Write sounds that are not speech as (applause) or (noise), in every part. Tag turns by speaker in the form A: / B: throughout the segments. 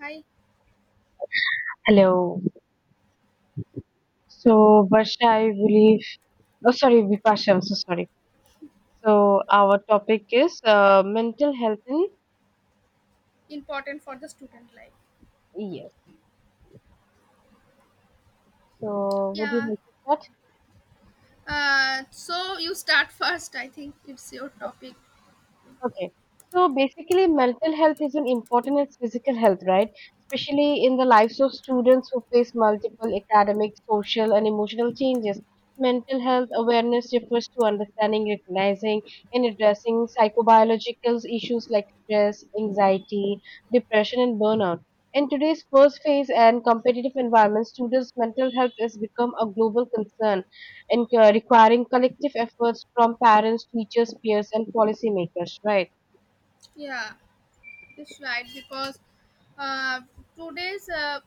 A: Hi,
B: Hello. So, Varsha, I believe, oh, sorry, Vipasha, I'm so sorry. So, our topic is mental health in
A: important for the student life.
B: ES. So, would you
A: Yeah,
B: like to start?
A: so you start (laughs) first, I think it's your topic.
B: Okay. So basically, mental health is an important as physical health, right? Especially in the lives of students who face multiple academic, social, and emotional changes. Mental health awareness refers to understanding, recognizing, and addressing psychobiological issues like stress, anxiety, depression, and burnout. In today's first phase and competitive environment, students' mental health has become a global concern and requiring collective efforts from parents, teachers, peers, and policymakers, right?
A: Yeah, that's right, because uh, today's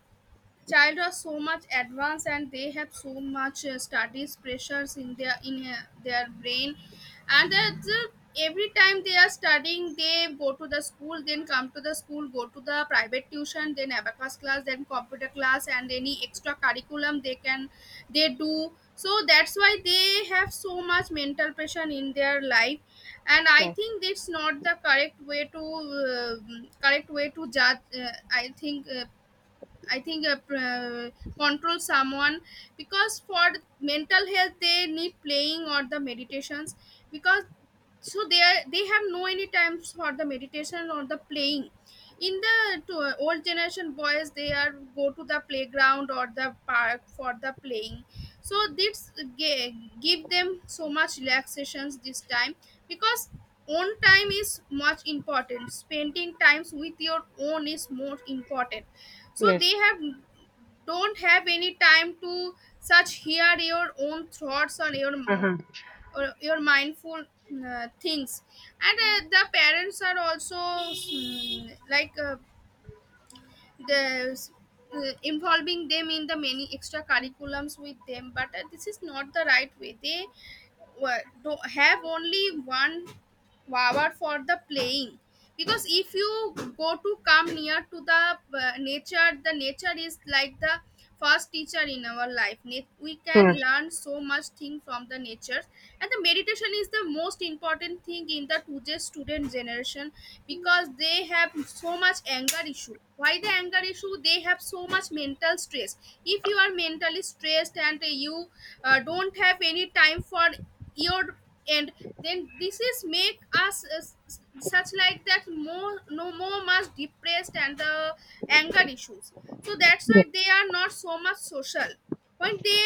A: child are so much advanced and they have so much studies pressures in their in their brain. And every time they are studying, they go to the school, then come to the school, go to the private tuition, then abacus class, then computer class, and any extra curriculum they can, they do. So that's why they have so much mental pressure in their life. And I
B: Yes.
A: think that's not the correct way to judge. I think I think control someone. Because for mental health, they need playing or the meditations. Because So they are, they have no any times for the meditation or the playing. In the to, old generation, boys they are go to the playground or the park for the playing. So this ga- give them so much relaxations this time. Because own time is much important, spending times with your own is more important. So they
B: Yes.
A: have don't have any time to such hear your own thoughts
B: Mm-hmm.
A: or your mindful things. And the parents are also like the involving them in the many extra curriculums with them, but this is not the right way. They do have only one Wawa for the playing. Because if you go to come near to the nature, the nature is like the first teacher in our life. We can
B: Yes.
A: learn so much thing from the nature. And the meditation is the most important thing in the today's student generation, because they have so much anger issue. Why the anger issue? They have so much mental stress. If you are mentally stressed and you don't have any time for your, and then this is make us such like that more, no more much depressed, and the anger issues. So that's
B: Yeah.
A: why they are not so much social when they,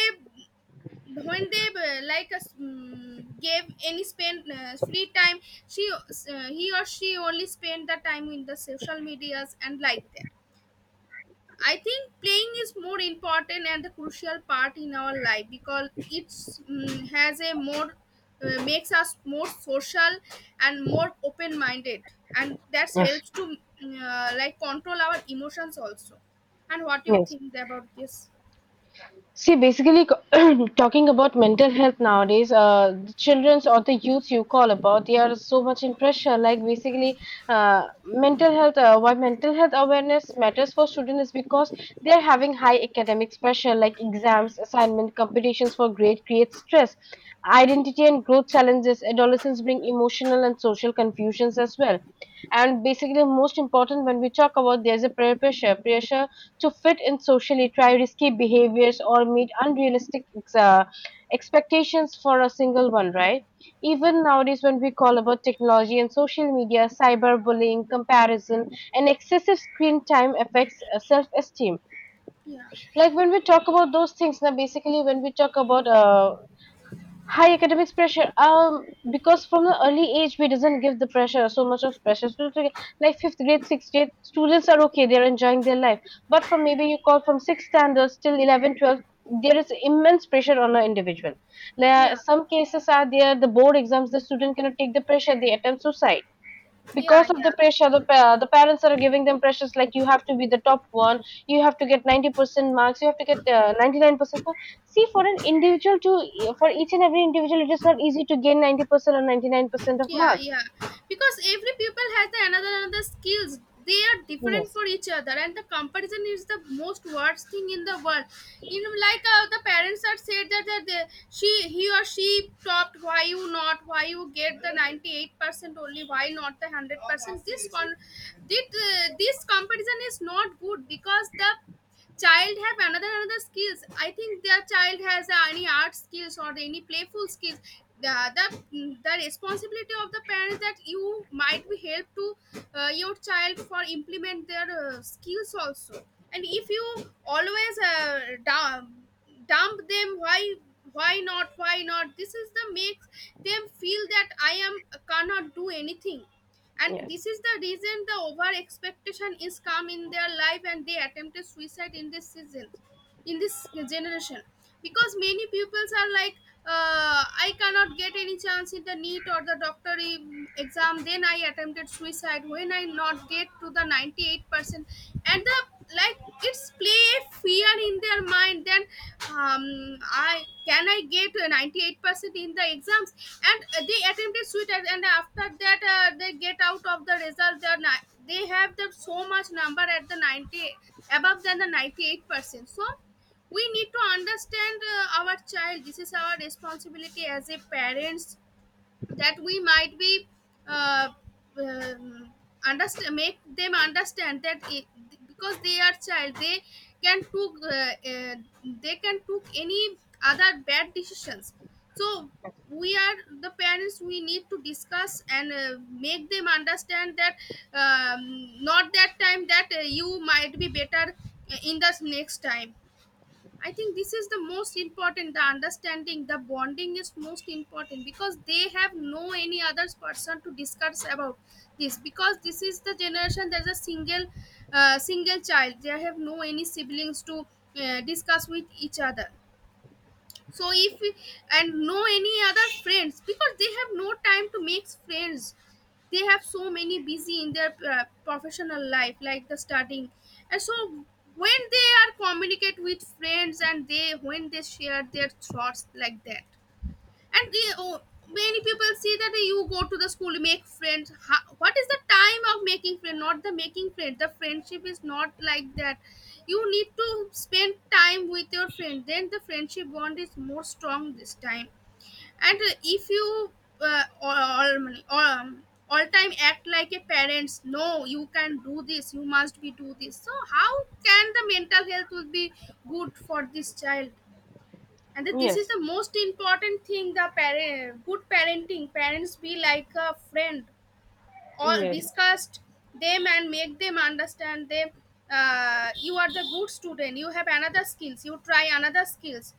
A: when they like us gave any spend free time, she he or she only spend the time in the social medias and like that. I think playing is more important and a crucial part in our life, because it's has a more makes us more social and more open minded, and that
B: Yes.
A: helps to like control our emotions also. And what do you
B: Yes.
A: think about this?
B: See, basically, (clears throat) talking about mental health nowadays, the childrens or the youths you call about, they are so much in pressure. Like basically, mental health. Why mental health awareness matters for students is because they are having high academic pressure, like exams, assignment, competitions for grade create stress. Identity and growth challenges. Adolescents bring emotional and social confusions as well. And basically, most important when we talk about there's a peer pressure. Pressure to fit in socially, try risky behaviors or meet expectations for a single one, right? Even nowadays, when we call about technology and social media, cyberbullying, comparison, and excessive screen time affects self esteem.
A: Yeah,
B: Like when we talk about those things, now basically, when we talk about high academics pressure, because from the early age we doesn't give the pressure so much of pressure, so it's like fifth grade sixth grade students are okay, they're enjoying their life. But from maybe you call from sixth standards till 11, 12, there is immense pressure on an individual. There are
A: yeah,
B: some cases are there, the board exams the student cannot take the pressure, they attempt suicide
A: yeah,
B: because of the
A: yeah.
B: pressure. The parents are giving them pressures like, you have to be the top one, you have to get 90% marks, you have to get 99% marks. See, for an individual to for each and every individual it is not easy to gain 90% or 99% of
A: yeah
B: marks.
A: yeah Because every people has the another skills. They are different
B: Yes.
A: for each other, and the comparison is the most worst thing in the world, you know. Like the parents are said that, she, he or she topped, why you not, why you get the 98% only, why not the 100%? This comparison is not good, because the child have another skills. I think their child has any art skills or any playful skills. The the responsibility of the parents that you might be help to your child for implement their skills also. And if you always dump them, why, why not, this is the makes them feel that I am cannot do anything. And
B: Yes.
A: this is the reason the over expectation is come in their life, and they attempted suicide in this season, in this generation. Because many pupils are like, I cannot get any chance in the NEET or the doctor exam, then I attempted suicide when I not get to the 98%. And the, like, it's play fear in their mind. Then I can I get 98% in the exams, and they attempted suicide. And after that, they get out of the result, they have the so much number at the 90 above than the 98%. So we need to understand our child. This is our responsibility as a parents, that we might be uh, um, understand, make them understand that because they are child, can took uh, uh, they can took any other bad decisions. So we are the parents, we need to discuss and make them understand that not that time, that you might be better in the next time. I think this is the most important. The understanding, the bonding is most important, because they have no any other person to discuss about this. Because this is the generation, there's a single child. They have no any siblings to discuss with each other. So if we- And no any other friends, because they have no time to make friends. They have so many busy in their professional life, like the studying. And so when they are communicate with friends, and they when they share their thoughts like that. And many people see that you go to the school, make friends. How, what is the time of making friends? Not the making friends. The friendship is not like that. You need to spend time with your friend, then the friendship bond is more strong this time. And if you uh, all, all, um, all time act like a parents, no you can do this, you must be do this, so how can the mental health will be good for this child? And that this is
B: Yes,
A: the most important thing, the parent good parenting, parents be like a friend or
B: yes.
A: discussed them and make them understand them. You are the good student, you have another skills, you try another skills.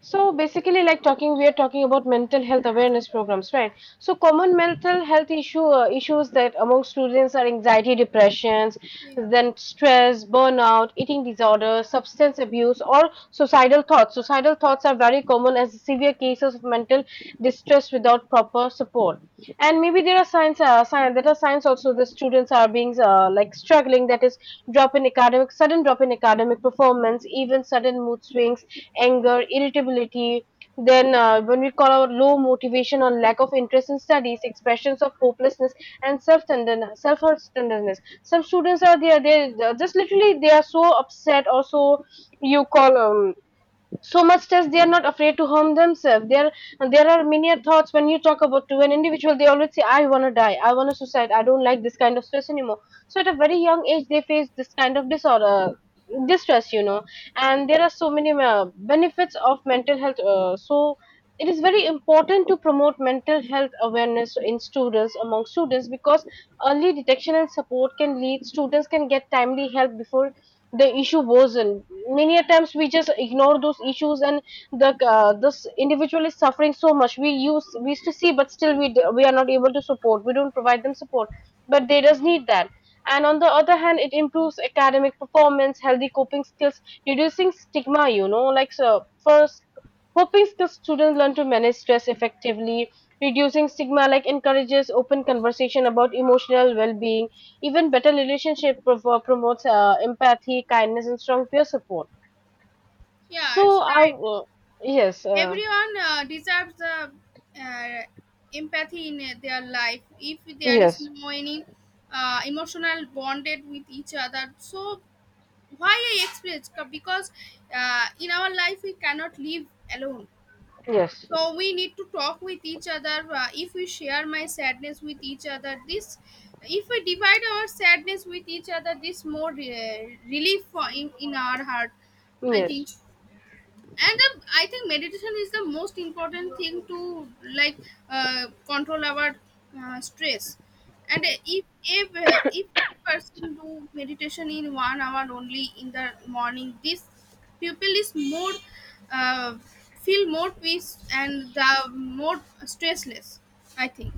B: So basically, like talking, we are talking about mental health awareness programs, right? So common mental health issues that among students are anxiety, depressions,
A: Yeah,
B: then stress, burnout, eating disorders, substance abuse, or suicidal thoughts. Suicidal thoughts are very very common as severe cases of mental distress without proper support. And maybe there are there are signs also the students are being like struggling. That is drop in academic, sudden drop in academic performance, even sudden mood swings, anger, irritability. Then when we call out low motivation or lack of interest in studies, expressions of hopelessness and self-tenderness, self-tenderness. Some students are there, they are just literally they are so upset or so you call so much as they are not afraid to harm themselves. There are many thoughts when you talk about to an individual, they always say, "I want to die. I want to suicide. I don't like this kind of stress anymore." So at a very young age, they face this kind of disorder, distress, you know. And there are so many benefits of mental health. So it is very important to promote mental health awareness in students among students because early detection and support can lead, students can get timely help before the issue worsen. Many a times we just ignore those issues, and the this individual is suffering so much. We used to see, but still we are not able to support. We don't provide them support, but they does need that. And on the other hand, it improves academic performance, healthy coping skills, reducing stigma. You know, like, so first, coping skills, students learn to manage stress effectively. Reducing stigma like encourages open conversation about emotional well-being, even better relationship promotes empathy, kindness, and strong peer support.
A: yeah,
B: So,
A: it's
B: I
A: right.
B: w Yes,
A: Everyone deserves the uh, empathy in their life. If there is
B: yes,
A: no any emotional bonded with each other, so why I experience, because in our life we cannot live alone.
B: yes,
A: So we need to talk with each other. If we share my sadness with each other, this, if we divide our sadness with each other, this more relief for in our heart, I
B: yes.
A: think. And I think meditation is the most important thing to, like, control our stress. And if person do meditation in 1 hour only in the morning, this people is more uh, feel more peace and the more stressless, I think.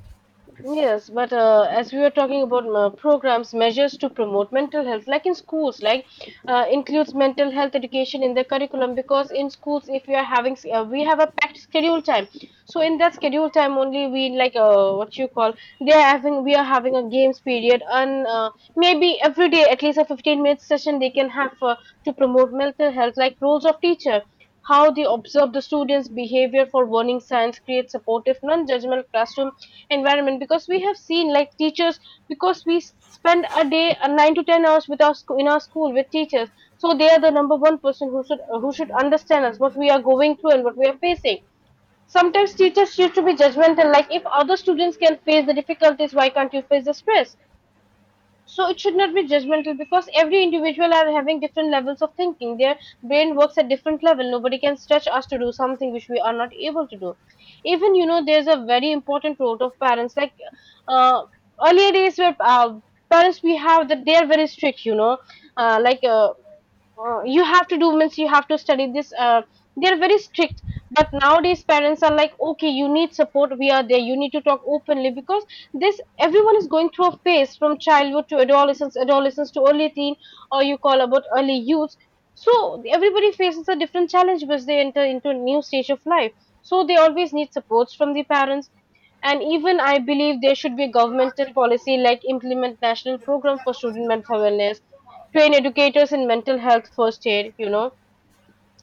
B: Yes, but as we were talking about programs, measures to promote mental health, like in schools, like includes mental health education in the curriculum. Because in schools, if we are we have a packed schedule time. So in that schedule time only, we like what you call, we are having a games period, and maybe every day at least a 15 minute session they can have to promote mental health, like roles of teacher. How they observe the students' behavior for learning science, create supportive, non-judgmental classroom environment. Because we have seen, like teachers, because we spend a day, 9 to 10 hours with our school in our school with teachers, so they are the number one person who should understand us, what we are going through and what we are facing. Sometimes teachers used to be judgmental, like if other students can face the difficulties, why can't you face the stress? So it should not be judgmental because every individual are having different levels of thinking, their brain works at different level, nobody can stretch us to do something which we are not able to do. Even you know there's a very important role of parents, like uh, earlier days where parents we have that they are very strict, you know, uh, like uh, you have to do means you have to study this. They're very strict, but nowadays parents are like, okay, you need support. We are there. You need to talk openly because this, everyone is going through a phase from childhood to adolescence, adolescence to early teen, or you call about early youth. So everybody faces a different challenge because they enter into a new stage of life. So they always need supports from the parents. And even I believe there should be a governmental policy like implement national program for student mental wellness, train educators in mental health first aid, you know,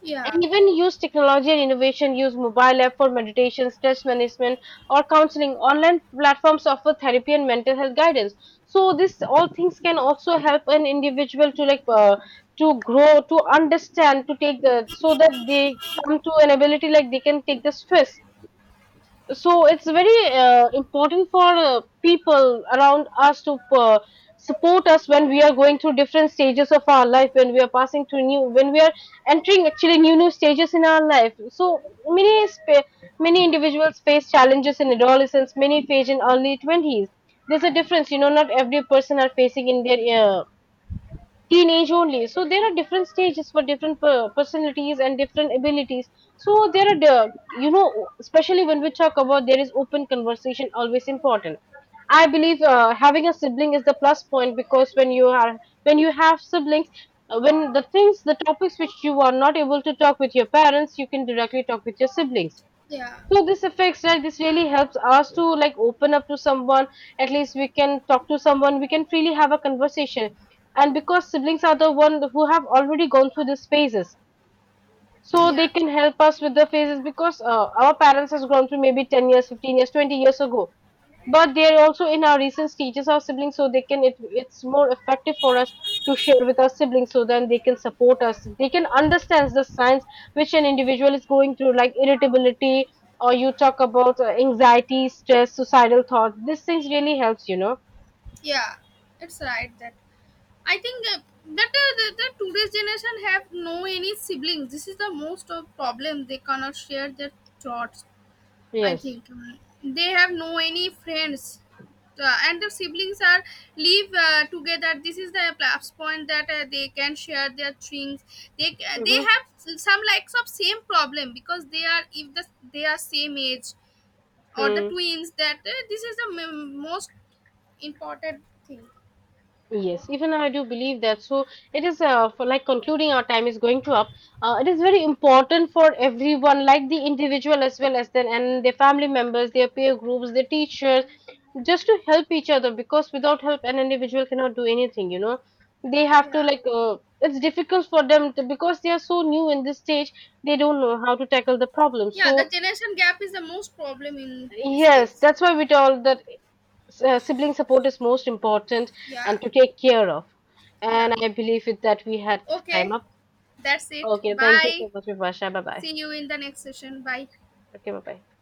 A: Yeah,
B: and even use technology and innovation, use mobile app for meditation, stress management, or counseling. Online platforms offer therapy and mental health guidance. So this all things can also help an individual to like to grow, to understand, to take the, so that they come to an ability like they can take the stress. So it's very important for people around us to support us when we are going through different stages of our life, when we are passing through new, when we are entering actually new stages in our life. So many spa- many individuals face challenges in adolescence, many face in early 20s. There's a difference, you know, not every person are facing in their teenage only. So there are different stages for different personalities and different abilities. So there are, you know, especially when we talk about, there is open conversation always important. I believe having a sibling is the plus point because when you are, when you have siblings, when the things, the topics which you are not able to talk with your parents, you can directly talk with your siblings.
A: yeah,
B: So this affects, right? This really helps us to like open up to someone, at least we can talk to someone, we can freely have a conversation. And because siblings are the one who have already gone through these phases, so they
A: yeah,
B: can help us with the phases because our parents has grown through maybe 10 years, 15 years, 20 years ago, but they are also in our recent stages, our siblings, so they can, it's more effective for us to share with our siblings, so then they can support us, they can understand the signs which an individual is going through like irritability, or you talk about anxiety, stress, suicidal thoughts. These things really helps, you know.
A: yeah, it's right. That I think that the today's generation have no any siblings. This is the most of problem. They cannot share their thoughts. I
B: Yes.
A: think. They have no any friends, and the siblings are live together. This is the plus point, that they can share their things. They
B: Mm-hmm.
A: have some likes of same problem, because they are, if the they are same age or the
B: Hmm.
A: twins. That this is the most important thing.
B: Yes, even I do believe that. So it is for like concluding, our time is going to up. It is very important for everyone, like the individual as well as then and their family members, their peer groups, their teachers, just to help each other because without help an individual cannot do anything. You know, they have to
A: Yeah.
B: like it's difficult for them to, because they are so new in this stage. They don't know how to tackle the problem.
A: Yeah,
B: So
A: the generation gap is the most problem in this
B: yes,
A: case.
B: that's why we told that sibling support is most important and
A: Yeah,
B: to take care of. And
A: yeah.
B: I believe it that we had time
A: Okay,
B: up.
A: that's it.
B: Okay, thank you
A: Bye.
B: so much, Vibhasha. Bye bye.
A: See you in the next session. Bye.
B: Okay, bye bye.